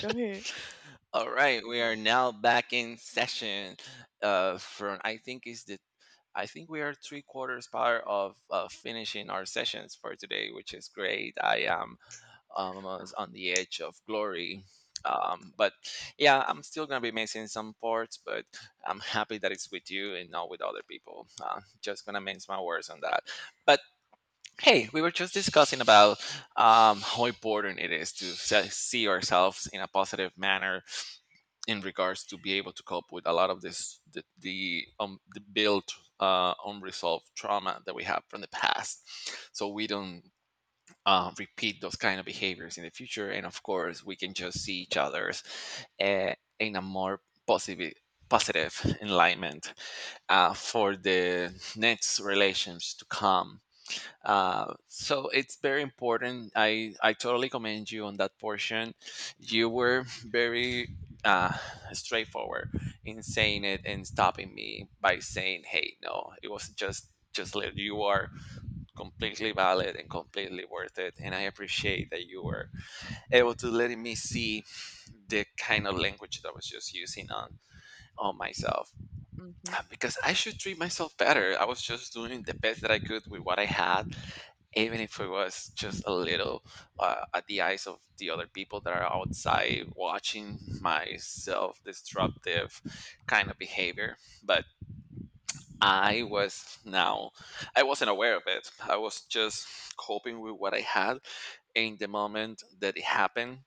Go ahead. All right, we are now back in session. From I think is the I think we are three quarters part of finishing our sessions for today, which is great. I am almost on the edge of glory. But yeah, I'm still gonna be missing some parts, but I'm happy that it's with you and not with other people. Just gonna mince my words on that. But hey, we were just discussing about how important it is to see ourselves in a positive manner in regards to be able to cope with a lot of this the built unresolved trauma that we have from the past, so we don't repeat those kind of behaviors in the future, and of course we can just see each other's uh, in a more positive positive enlightenment for the next relations to come, so it's very important. I totally commend you on that portion. You were very uh, straightforward in saying it and stopping me by saying, "Hey, no, it was just let you are completely valid and completely worth it." And I appreciate that you were able to letting me see the kind of language that I was just using on myself Hmm. because I should treat myself better. I was just doing the best that I could with what I had, even if it was just a little, at the eyes of the other people that are outside watching my self destructive kind of behavior. But i was now I wasn't aware of it. I was just coping with what I had in the moment that it happened,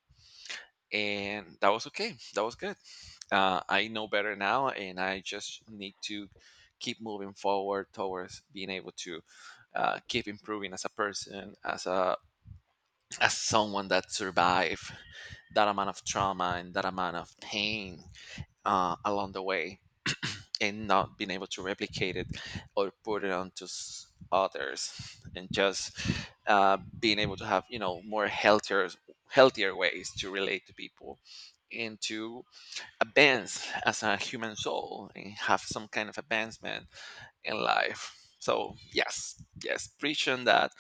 and that was okay, that was good. I know better now and I just need to keep moving forward towards being able to keep improving as a person, as a as someone that survived that amount of trauma and that amount of pain along the way, and not being able to replicate it or put it onto others, and just being able to have, you know, more healthier ways to relate to people and to advance as a human soul and have some kind of advancement in life. So yes, yes, preaching that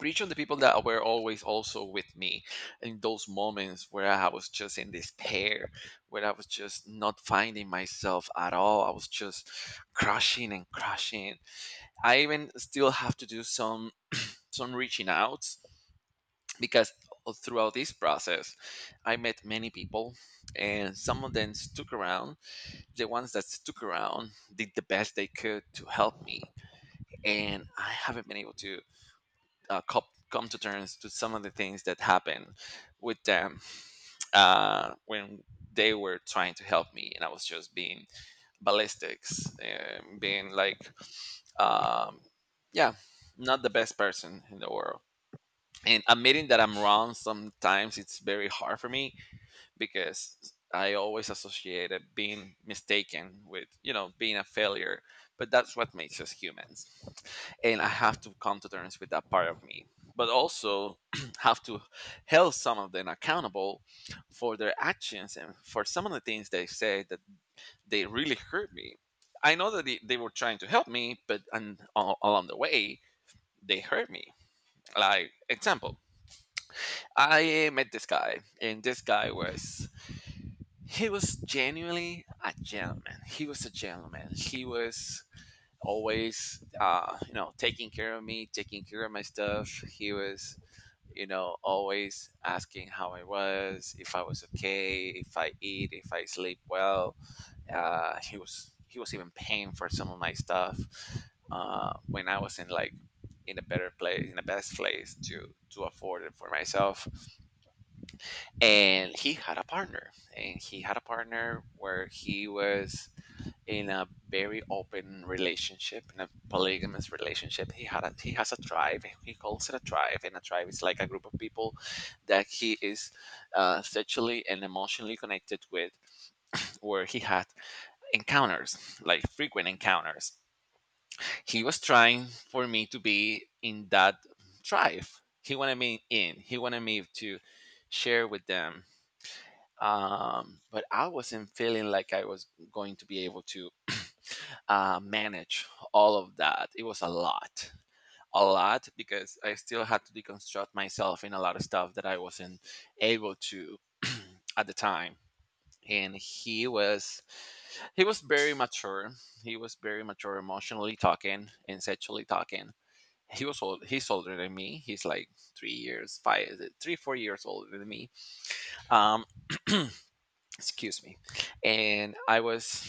reach on the people that were always also with me in those moments where I was just in despair, where I was just not finding myself at all. I was just crushing and crushing. I even still have to do some reaching out because throughout this process I met many people and some of them stuck around. The ones that stuck around did the best they could to help me, and I haven't been able to come to terms to some of the things that happened with them when they were trying to help me and I was just being ballistics and being like, um, yeah, not the best person in the world. And admitting that I'm wrong sometimes it's very hard for me because I always associated being mistaken with, you know, being a failure. But that's what makes us humans. And I have to come to terms with that part of me. But also have to hold some of them accountable for their actions and for some of the things they say that they really hurt me. I know that they were trying to help me, but and along the way, they hurt me. Like example, I met this guy, and this guy was he was genuinely a gentleman. He was a gentleman. He was always, you know, taking care of me, taking care of my stuff. He was, you know, always asking how I was, if I was okay, if I eat, if I sleep well. He was even paying for some of my stuff when I was in like in a better place, in the best place to afford it for myself. And he had a partner, where he was in a very open relationship, in a polygamous relationship. He had a, he has a tribe, he calls it a tribe, and a tribe is like a group of people that he is sexually and emotionally connected with, where he had encounters, like frequent encounters. He was trying for me to be in that tribe. He wanted me in, he wanted me to share with them, but I wasn't feeling like I was going to be able to manage all of that. It was a lot, a lot, because I still had to deconstruct myself in a lot of stuff that I wasn't able to at the time. And he was very mature. He was very mature emotionally talking and sexually talking. He was old, he's older than me. He's like 3 years, five, three, 4 years older than me. Um, excuse me. And I was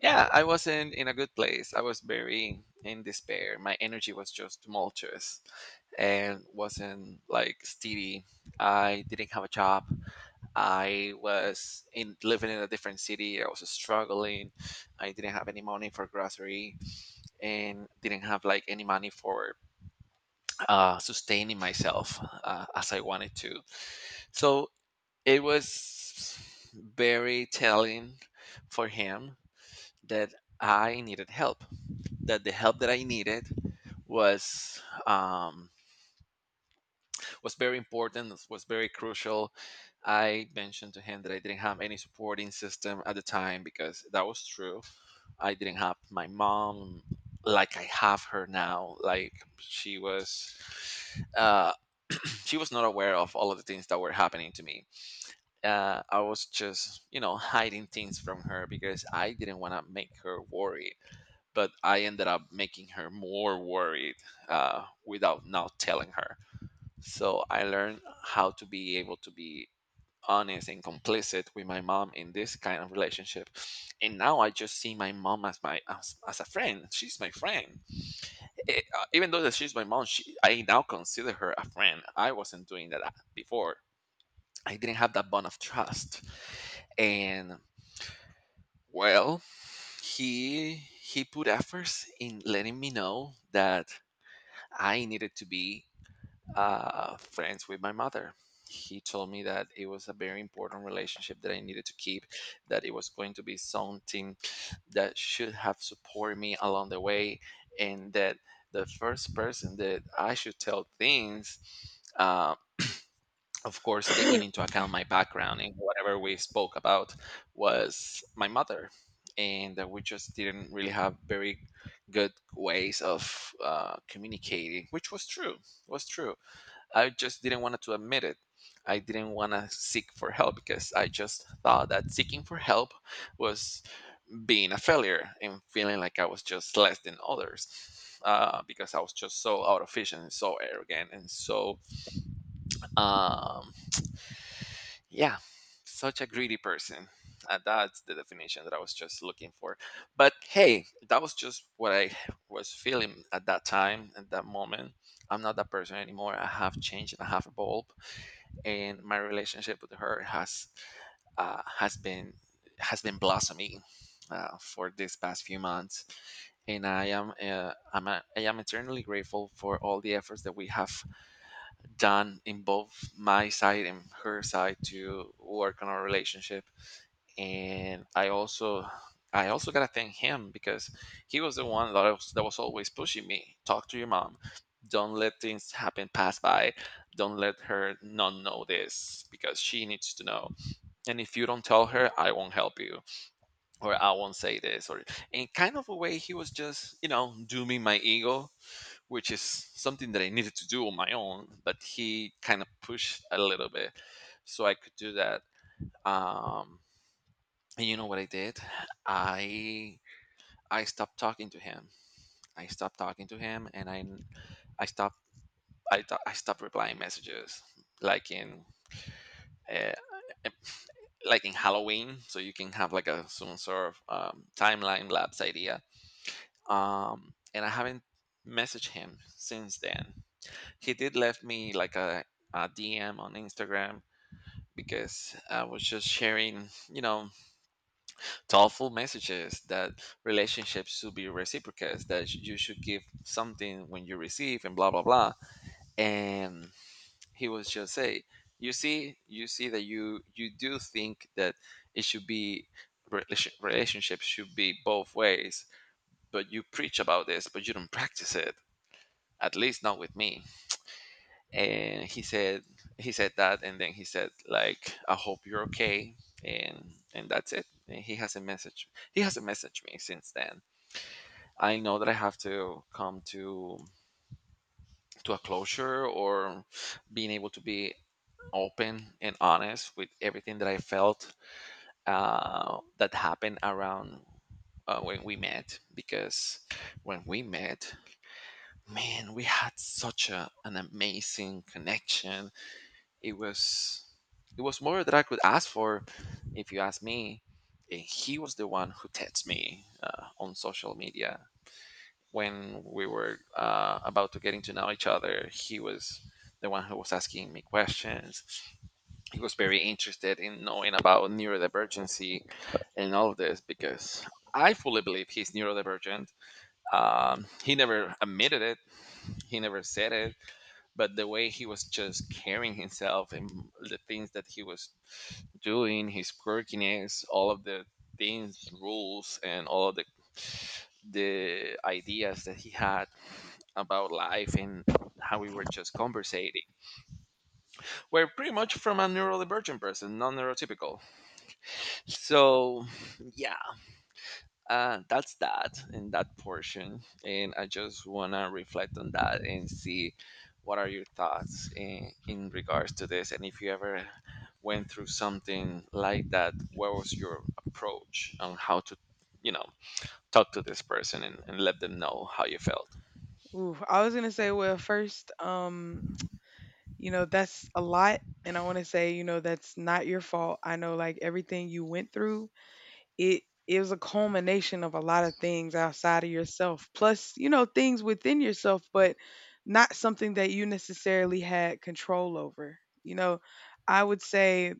yeah, I wasn't in a good place. I was very in despair. My energy was just tumultuous and wasn't like steady. I didn't have a job. I was in living in a different city. I was struggling. I didn't have any money for grocery, and didn't have like any money for sustaining myself as I wanted to. So it was very telling for him that I needed help. That the help that I needed was, was very important. Was very crucial. I mentioned to him that I didn't have any supporting system at the time because that was true. I didn't have my mom like I have her now. Like she was, uh, she was not aware of all of the things that were happening to me. I was just, you know, hiding things from her because I didn't want to make her worried. But I ended up making her more worried without not telling her. So I learned how to be able to be honest and complicit with my mom in this kind of relationship. And now I just see my mom as as a friend. She's my friend. Eh, even though that she's my mom, she, I now consider her a friend. I wasn't doing that before. I didn't have that bond of trust. And well, he put efforts in letting me know that I needed to be friends with my mother. He told me that it was a very important relationship that I needed to keep, that it was going to be something that should have supported me along the way, and that the first person that I should tell things, uh, of course, taking into account my background and whatever we spoke about, was my mother. And that we just didn't really have very good ways of communicating, which was true. Was true. I just didn't want to admit it. I didn't want to seek for help because I just thought that seeking for help was being a failure and feeling like I was just less than others because I was just so out of fish and so arrogant and so, um, yeah, such a greedy person. That's the definition that I was just looking for. But hey, that was just what I was feeling at that time, at that moment. I'm not that person anymore. I have changed and I have evolved, and my relationship with her has, uh, has been has been blossoming. For these past few months, and I am I am eternally grateful for all the efforts that we have done in both my side and her side to work on our relationship. And I also, I also gotta thank him, because he was the one that that was always pushing me. Talk to your mom. Don't let things happen pass by. Don't let her not know this because she needs to know. And if you don't tell her, I won't help you or I won't say this, or in kind of a way he was just, you know, dooming my ego, which is something that I needed to do on my own, but he kind of pushed a little bit so I could do that. Um and you know what I did? I I stopped talking to him. I stopped talking to him, and I stopped, I I stopped replying messages, like in, uh, like in Halloween, so you can have like a some sort of timeline lapse idea. And I haven't messaged him since then. He did left me like a DM on Instagram, because I was just sharing, thoughtful messages that relationships should be reciprocate, that you should give something when you receive, and blah blah blah. And he was just say, you see that you do think that it should be relationships should be both ways, but you preach about this, but you don't practice it, at least not with me. And he said that, and then he said, like, "I hope you're okay." And that's it, and he hasn't messaged me since then. I know that I have to come to a closure, or being able to be open and honest with everything that I felt, that happened around, when we met. Because when we met, man, we had such an amazing connection. It was it was more than I could ask for, if you ask me. And he was the one who texted me, on social media. When we were, about to getting to know each other, he was the one who was asking me questions. He was very interested in knowing about neurodivergency and all of this, because I fully believe he's neurodivergent. He never admitted it, he never said it, but the way he was just carrying himself, and the things that he was doing, his quirkiness, all of the things, rules, and all of the ideas that he had about life, and how we were just conversating. We're pretty much from a neurodivergent person, non neurotypical. So, yeah, that's that in that portion. And I just want to reflect on that and see what are your thoughts in regards to this. And if you ever went through something like that, what was your approach on how to, you know, talk to this person, and let them know how you felt? Ooh, I was gonna say, well, first, you know, that's a lot, and I want to say, you know, that's not your fault. I know, like everything you went through, it was a culmination of a lot of things outside of yourself, plus, you know, things within yourself, but not something that you necessarily had control over. You know, I would say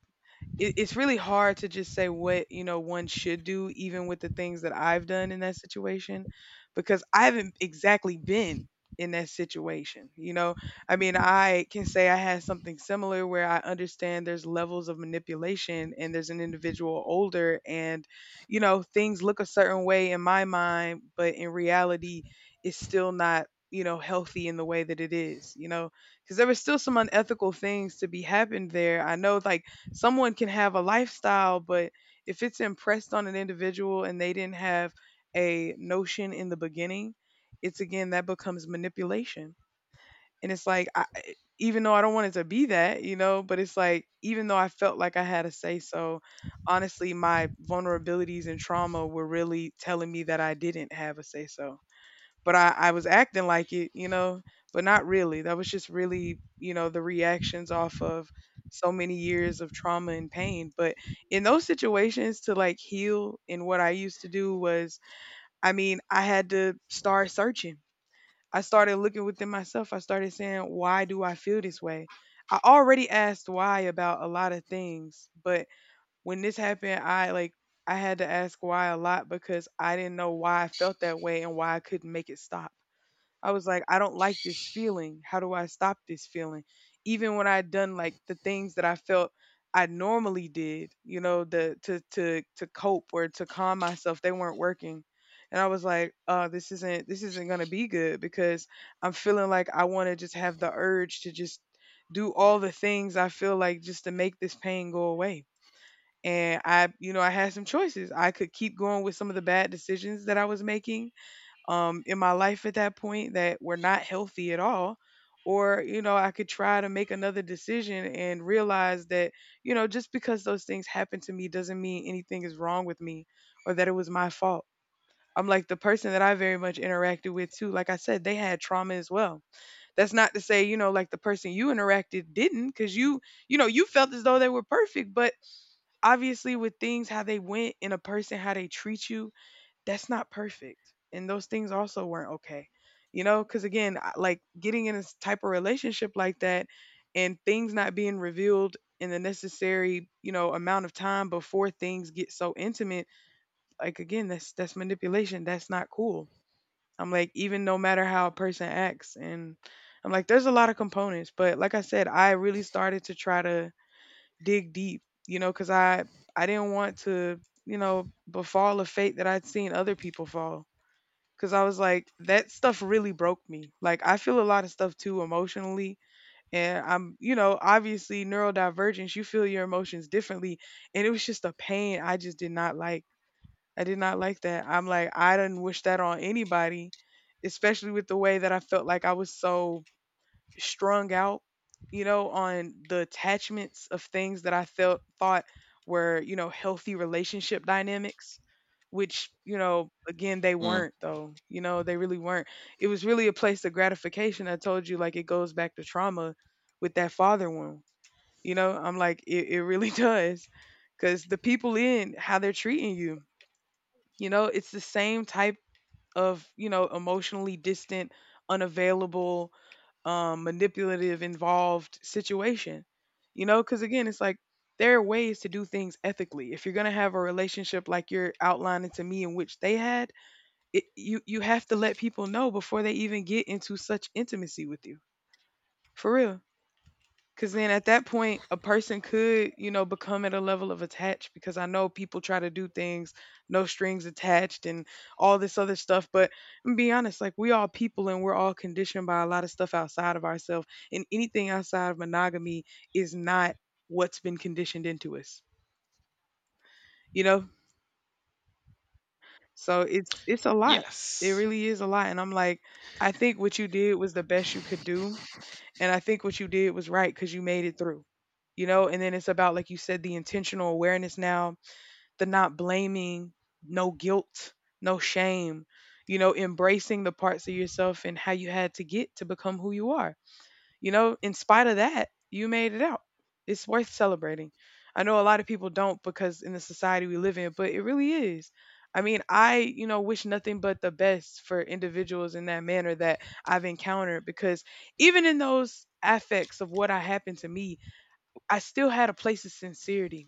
it's really hard to just say what you know one should do even with the things that I've done in that situation because I haven't exactly been in that situation, you know. I mean, I can say I had something similar where I understand there's levels of manipulation and there's an individual older and, you know, things look a certain way in my mind, but in reality it's still not, you know, healthy in the way that it is, you know, because there was still some unethical things to be happened there. I know, like someone can have a lifestyle, but if it's impressed on an individual and they didn't have a notion in the beginning, it's again that becomes manipulation. And it's like, I, even though I don't want it to be that, you know, but it's like, even though I felt like I had a say so, honestly, my vulnerabilities and trauma were really telling me that I didn't have a say so, but I was acting like it, you know, but not really. That was just really, you know, the reactions off of so many years of trauma and pain. But in those situations, to like heal and what I used to do was, I mean, I had to start searching. I started looking within myself. I started saying, why do I feel this way? I already asked why about a lot of things, but when this happened, I like, I had to ask why a lot because I didn't know why I felt that way and why I couldn't make it stop. I was like, I don't like this feeling. How do I stop this feeling? Even when I'd done like the things that I felt I normally did, you know, the to cope or to calm myself, they weren't working. And I was like, this isn't gonna be good because I'm feeling like I wanna just have the urge to just do all the things I feel like just to make this pain go away. And I, you know, I had some choices. I could keep going with some of the bad decisions that I was making in my life at that point that were not healthy at all. Or, you know, I could try to make another decision and realize that, you know, just because those things happened to me doesn't mean anything is wrong with me or that it was my fault. I'm like the person that I very much interacted with too. Like I said, they had trauma as well. That's not to say, you know, like the person you interacted didn't, because you know, you felt as though they were perfect. But obviously, with things, how they went in a person, how they treat you, that's not perfect. And those things also weren't okay. You know, because again, I- like getting in this type of relationship like that and things not being revealed in the necessary, you know, amount of time before things get so intimate, like again, that's manipulation. That's not cool. I'm like, even no matter how a person acts, and I'm like, there's a lot of components. But like I said, I really started to try to dig deep, you know, because I didn't want to, you know, befall a fate that I'd seen other people fall. Cause I was like, that stuff really broke me. Like I feel a lot of stuff too emotionally. And I'm, you know, obviously neurodivergence, you feel your emotions differently. And it was just a pain I just did not like. I did not like that. I'm like, I didn't wish that on anybody, especially with the way that I felt like I was so strung out, you know, on the attachments of things that I felt thought were, you know, healthy relationship dynamics, which, you know, again, they Mm, weren't though. You know, they really weren't. It was really a place of gratification. I told you, like, it goes back to trauma with that father wound. You know, I'm like, it really does. Cause the people in how they're treating you, you know, it's the same type of, you know, emotionally distant, unavailable, manipulative involved situation. You know, because again, it's like there are ways to do things ethically. If you're gonna have a relationship like you're outlining to me, in which they had, it, you have to let people know before they even get into such intimacy with you, for real. Because then at that point, a person could, you know, become at a level of attached because I know people try to do things, no strings attached and all this other stuff. But I'm be honest, like we all people and we're all conditioned by a lot of stuff outside of ourselves. And anything outside of monogamy is not what's been conditioned into us, you know? So it's a lot. It yes. really is a lot. And I'm like, I think what you did was the best you could do. And I think what you did was right because you made it through, you know? And then it's about, like you said, the intentional awareness now, the not blaming, no guilt, no shame, you know, embracing the parts of yourself and how you had to get to become who you are, you know, in spite of that, you made it out. It's worth celebrating. I know a lot of people don't because in the society we live in, but it really is. I mean, I, you know, wish nothing but the best for individuals in that manner that I've encountered because even in those affects of what I happened to me, I still had a place of sincerity,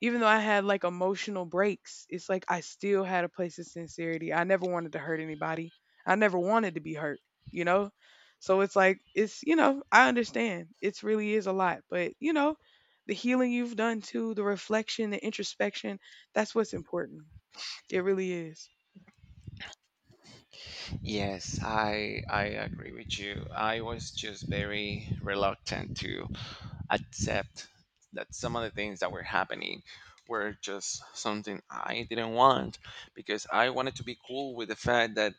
even though I had like emotional breaks, it's like I still had a place of sincerity. I never wanted to hurt anybody. I never wanted to be hurt, you know? So it's like, it's, you know, I understand. It's really is a lot, but, you know, the healing you've done too, the reflection, the introspection, that's what's important. It really is. Yes, I agree with you. I was just very reluctant to accept that some of the things that were happening were just something I didn't want, because I wanted to be cool with the fact that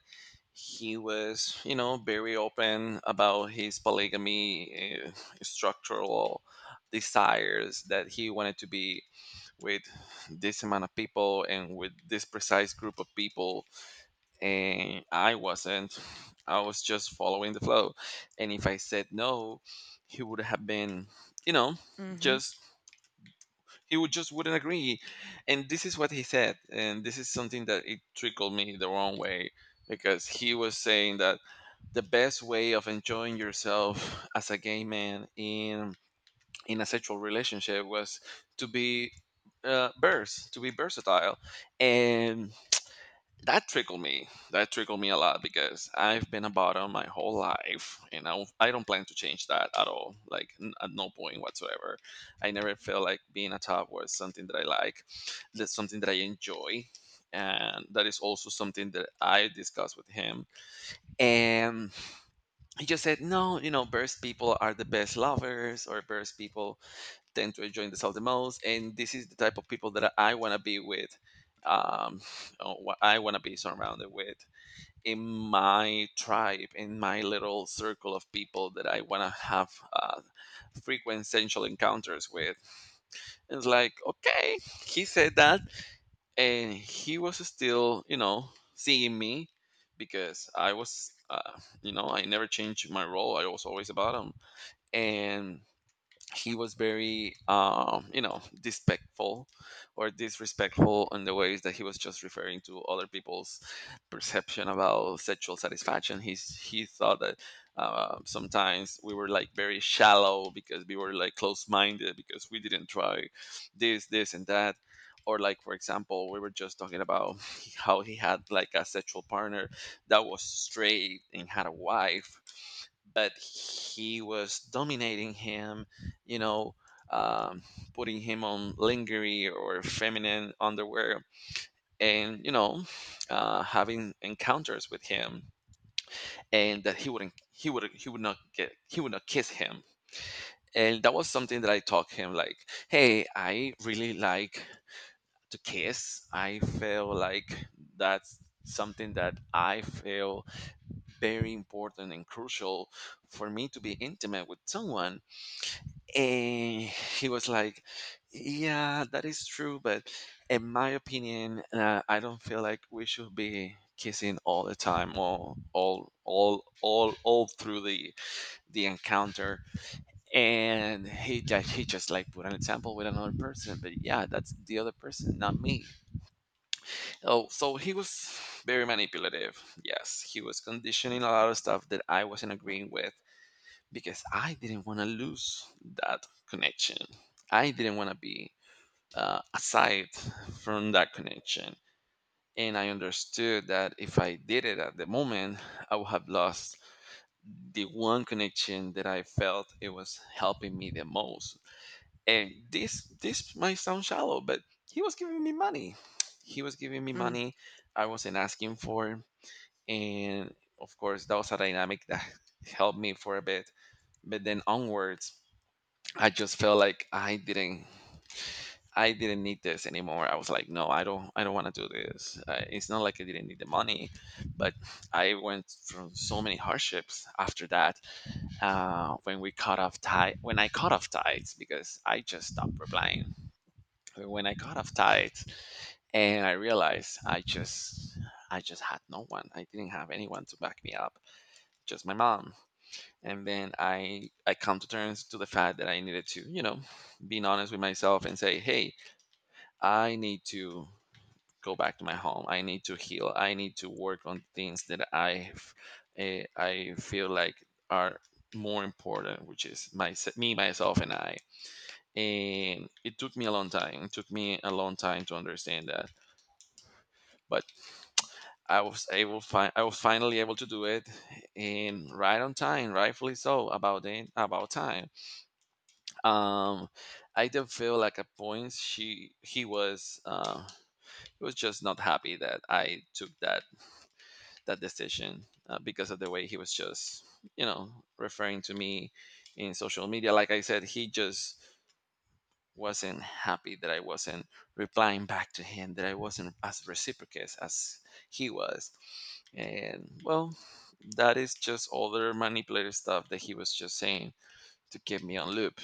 he was, very open about his polygamy, structural desires that he wanted to be with this amount of people, and with this precise group of people, and I wasn't. I was just following the flow. And if I said no, he would have been, you know, Mm-hmm. just he would just wouldn't agree. And this is what he said, and this is something that it trickled me the wrong way, because he was saying that the best way of enjoying yourself as a gay man in a sexual relationship was to be to be versatile, and that trickled me. That trickled me a lot, because I've been a bottom my whole life, and I don't plan to change that at all. Like at no point whatsoever. I never felt like being a top was something that I like, that's something that I enjoy, and that is also something that I discussed with him. And he just said, "No, you know, burst people are the best lovers, or burst people tend to enjoy themselves the most, and this is the type of people that I want to be with." Um, or what I want to be surrounded with, in my tribe, in my little circle of people that I want to have, frequent sensual encounters with. It's like, okay, he said that, and he was still, seeing me, because I was, you know, I never changed my role. I was always a bottom. And he was very disrespectful in the ways that he was just referring to other people's perception about sexual satisfaction. He thought that, sometimes we were like very shallow, because we were like close-minded, because we didn't try this and that. Or, like, for example, we were just talking about how he had like a sexual partner that was straight and had a wife, but he was dominating him, you know, um, putting him on lingerie or feminine underwear, and, having encounters with him, and that he wouldn't, he would not get, he would not kiss him. And that was something that I taught him, like, hey, I really like to kiss. I feel like that's something that I feel very important and crucial for me to be intimate with someone. And he was like, "Yeah, that is true, but in my opinion, I don't feel like we should be kissing all the time, all through the encounter." And he just, like, put an example with another person. But yeah, that's the other person, not me. Oh, so he was very manipulative, yes. He was conditioning a lot of stuff that I wasn't agreeing with, because I didn't want to lose that connection. I didn't want to be, aside from that connection. And I understood that if I did it at the moment, I would have lost the one connection that I felt it was helping me the most. And this might sound shallow, but he was giving me money. He was giving me Mm. money I wasn't asking for. And of course, that was a dynamic that helped me for a bit. But then onwards, I just felt like I didn't need this anymore. I was like, no, I don't want to do this. It's not like I didn't need the money, but I went through so many hardships after that. When we cut off tie when I cut off ties, because I just stopped replying. When I cut off ties, and I realized I just had no one. I didn't have anyone to back me up. Just my mom. And then I come to terms to the fact that I needed to, being honest with myself, and say, hey, I need to go back to my home. I need to heal. I need to work on things that I feel like are more important, which is my me myself and I. And it took me a long time, it took me a long time to understand that. But I was able find. I was finally able to do it, and right on time, rightfully so, about it, about time. um I did feel like, at points, she he was, he was just not happy that I took that decision, because of the way he was just, you know referring to me in social media, like I said. He just wasn't happy that I wasn't replying back to him, that I wasn't as reciprocate as he was. And well, that is just all the manipulative stuff that he was just saying to keep me on loop.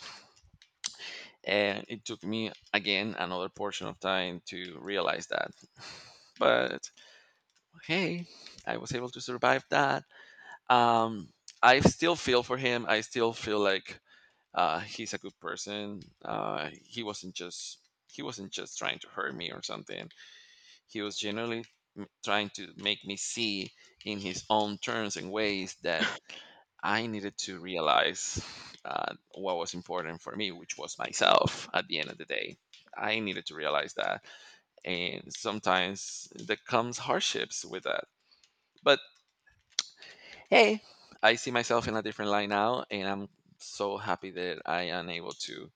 And it took me, again, another portion of time to realize that. But hey, I was able to survive that. um I still feel for him. I still feel like, he's a good person. He wasn't just trying to hurt me or something. He was generally trying to make me see, in his own terms and ways, that I needed to realize, what was important for me, which was myself at the end of the day. I needed to realize that. And sometimes there comes hardships with that. But hey, I see myself in a different light now, and I'm so happy that I am able to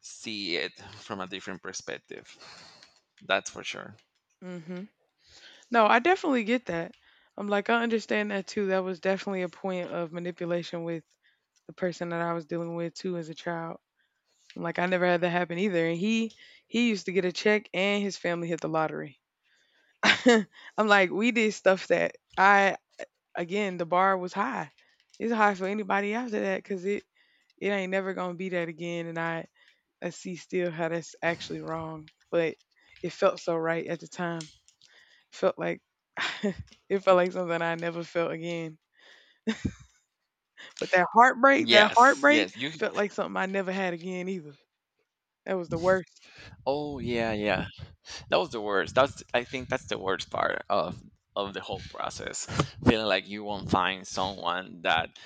see it from a different perspective. That's for sure. Mm-hmm. No, I definitely get that. I'm like, I understand that too. That was definitely a point of manipulation with the person that I was dealing with too as a child. I'm like I never had that happen either. And he used to get a check and his family hit the lottery. I'm like, we did stuff that I, again, the bar was high. It's high for anybody after that because it ain't never gonna be that again. And I see still how that's actually wrong, but it felt so right at the time. Felt like it felt like something I never felt again. But that Yes, heartbreak yes. You. felt like something I never had again either. That was the worst. Oh yeah, yeah. That was the worst. That's I think that's the worst part of the whole process. Feeling like you won't find someone that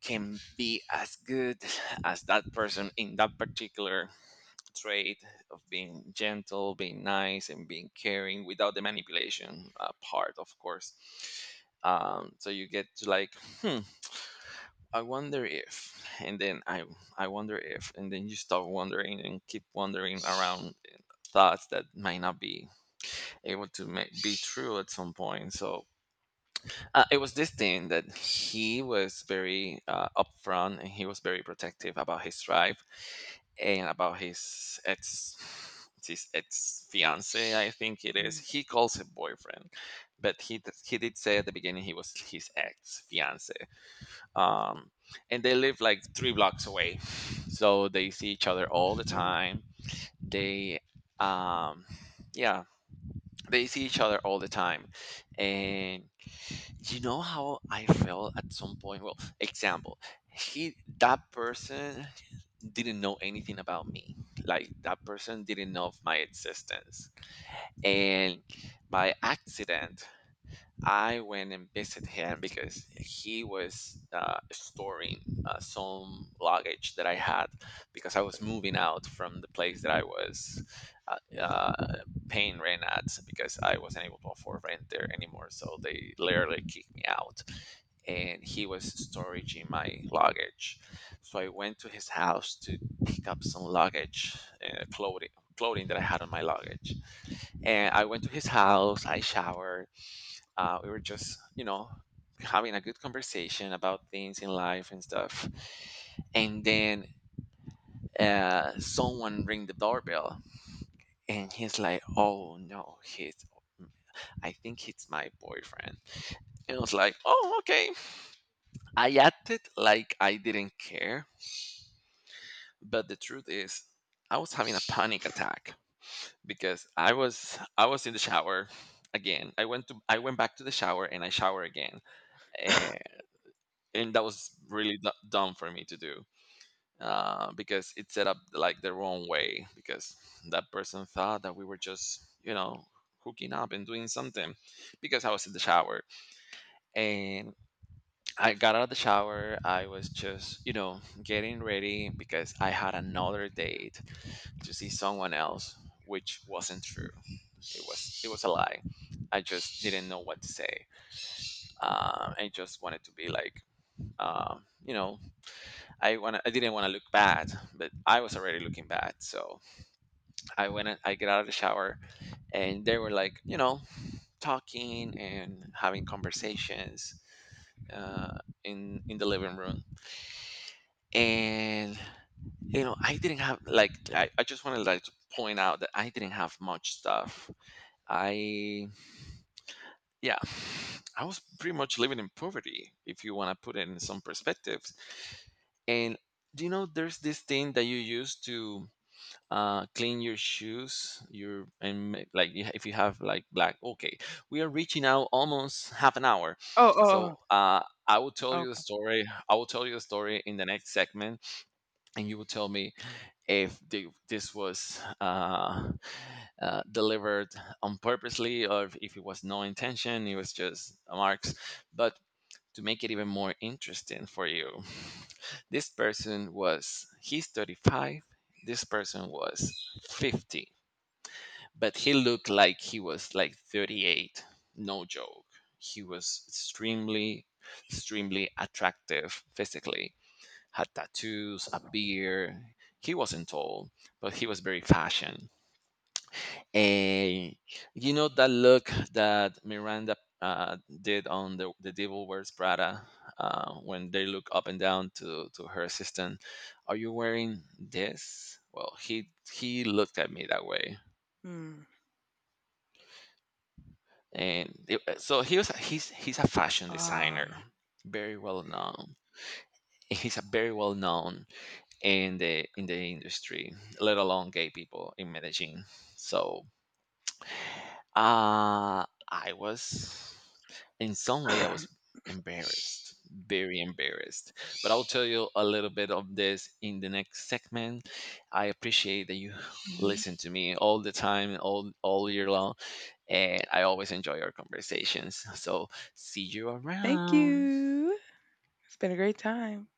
can be as good as that person, in that particular trait of being gentle, being nice, and being caring, without the manipulation, part, of course. So you get to like, hmm, I wonder if, and then I wonder if, and then you start wondering and keep wondering around thoughts that might not be able to make be true at some point. So, it was this thing that he was very, upfront, and he was very protective about his tribe, and about his ex fiance. I think it is. Mm. He calls him boyfriend, but he did say at the beginning he was his ex fiance. Um, and they live like 3 blocks away, so they see each other all the Mm. time. They um yeah they see each other all the time. And you know how I felt at some point. Well, example, he that person didn't know anything about me. Like, that person didn't know of my existence. And by accident, I went and visited him, because he was, storing, some luggage that I had, because I was moving out from the place that I was, uh, uh, paying rent at, because I wasn't able to afford rent there anymore. So they literally kicked me out, and he was storing my luggage. So I went to his house to pick up some luggage, uh, clothing, clothing that I had on my luggage, and I went to his house. I showered. Uh, we were just, you know, having a good conversation about things in life and stuff. And then someone ring the doorbell, and he's like, "Oh no, he's I think it's my boyfriend." And I was like, oh, okay. I acted like I didn't care, but the truth is, I was having a panic attack because I was in the shower again. I went back to the shower and I shower again. Uh, and that was really dumb for me to do, because it set up like the wrong way because that person thought that we were just, you know, hooking up and doing something because I was in the shower. And I got out of the shower. I was just, you know, getting ready because I had another date to see someone else, which wasn't true. It was a lie. I just didn't know what to say. I just wanted to be like, you know, I didn't want to look bad, but I was already looking bad. So I went and I get out of the shower, and they were like, you know, talking and having conversations, uh, in the living room. And you know, I didn't have like I just wanted like to point out that I didn't have much stuff. I yeah. I was pretty much living in poverty, if you want to put it in some perspectives. And do you know there's this thing that you use to clean your shoes your and like you- if you have like black, okay, we are reaching out almost half an hour. Oh, oh, oh. So Oh. I will tell you the story in the next segment, and you will tell me if this was delivered on purposely or if it was no intention, it was just marks. But to make it even more interesting for you. This person was, he's 35. This person was 50, but he looked like he was like 38. No joke. He was extremely, extremely attractive physically, had tattoos, a beard. He wasn't tall, but he was very fashion. And you know that look that Miranda uh, did on the Devil Wears Prada, when they look up and down to her assistant. Are you wearing this? Well, he looked at me that way, Hmm. and it, so he's a fashion Ah. designer, very well known. He's a very well known in the industry, let alone gay people in Medellin. So I was, in some way, I was embarrassed, very embarrassed. But I'll tell you a little bit of this in the next segment. I appreciate that you Mhm. listen to me all the time, all year long, and I always enjoy our conversations. So see you Thank around. you. It's been a great time.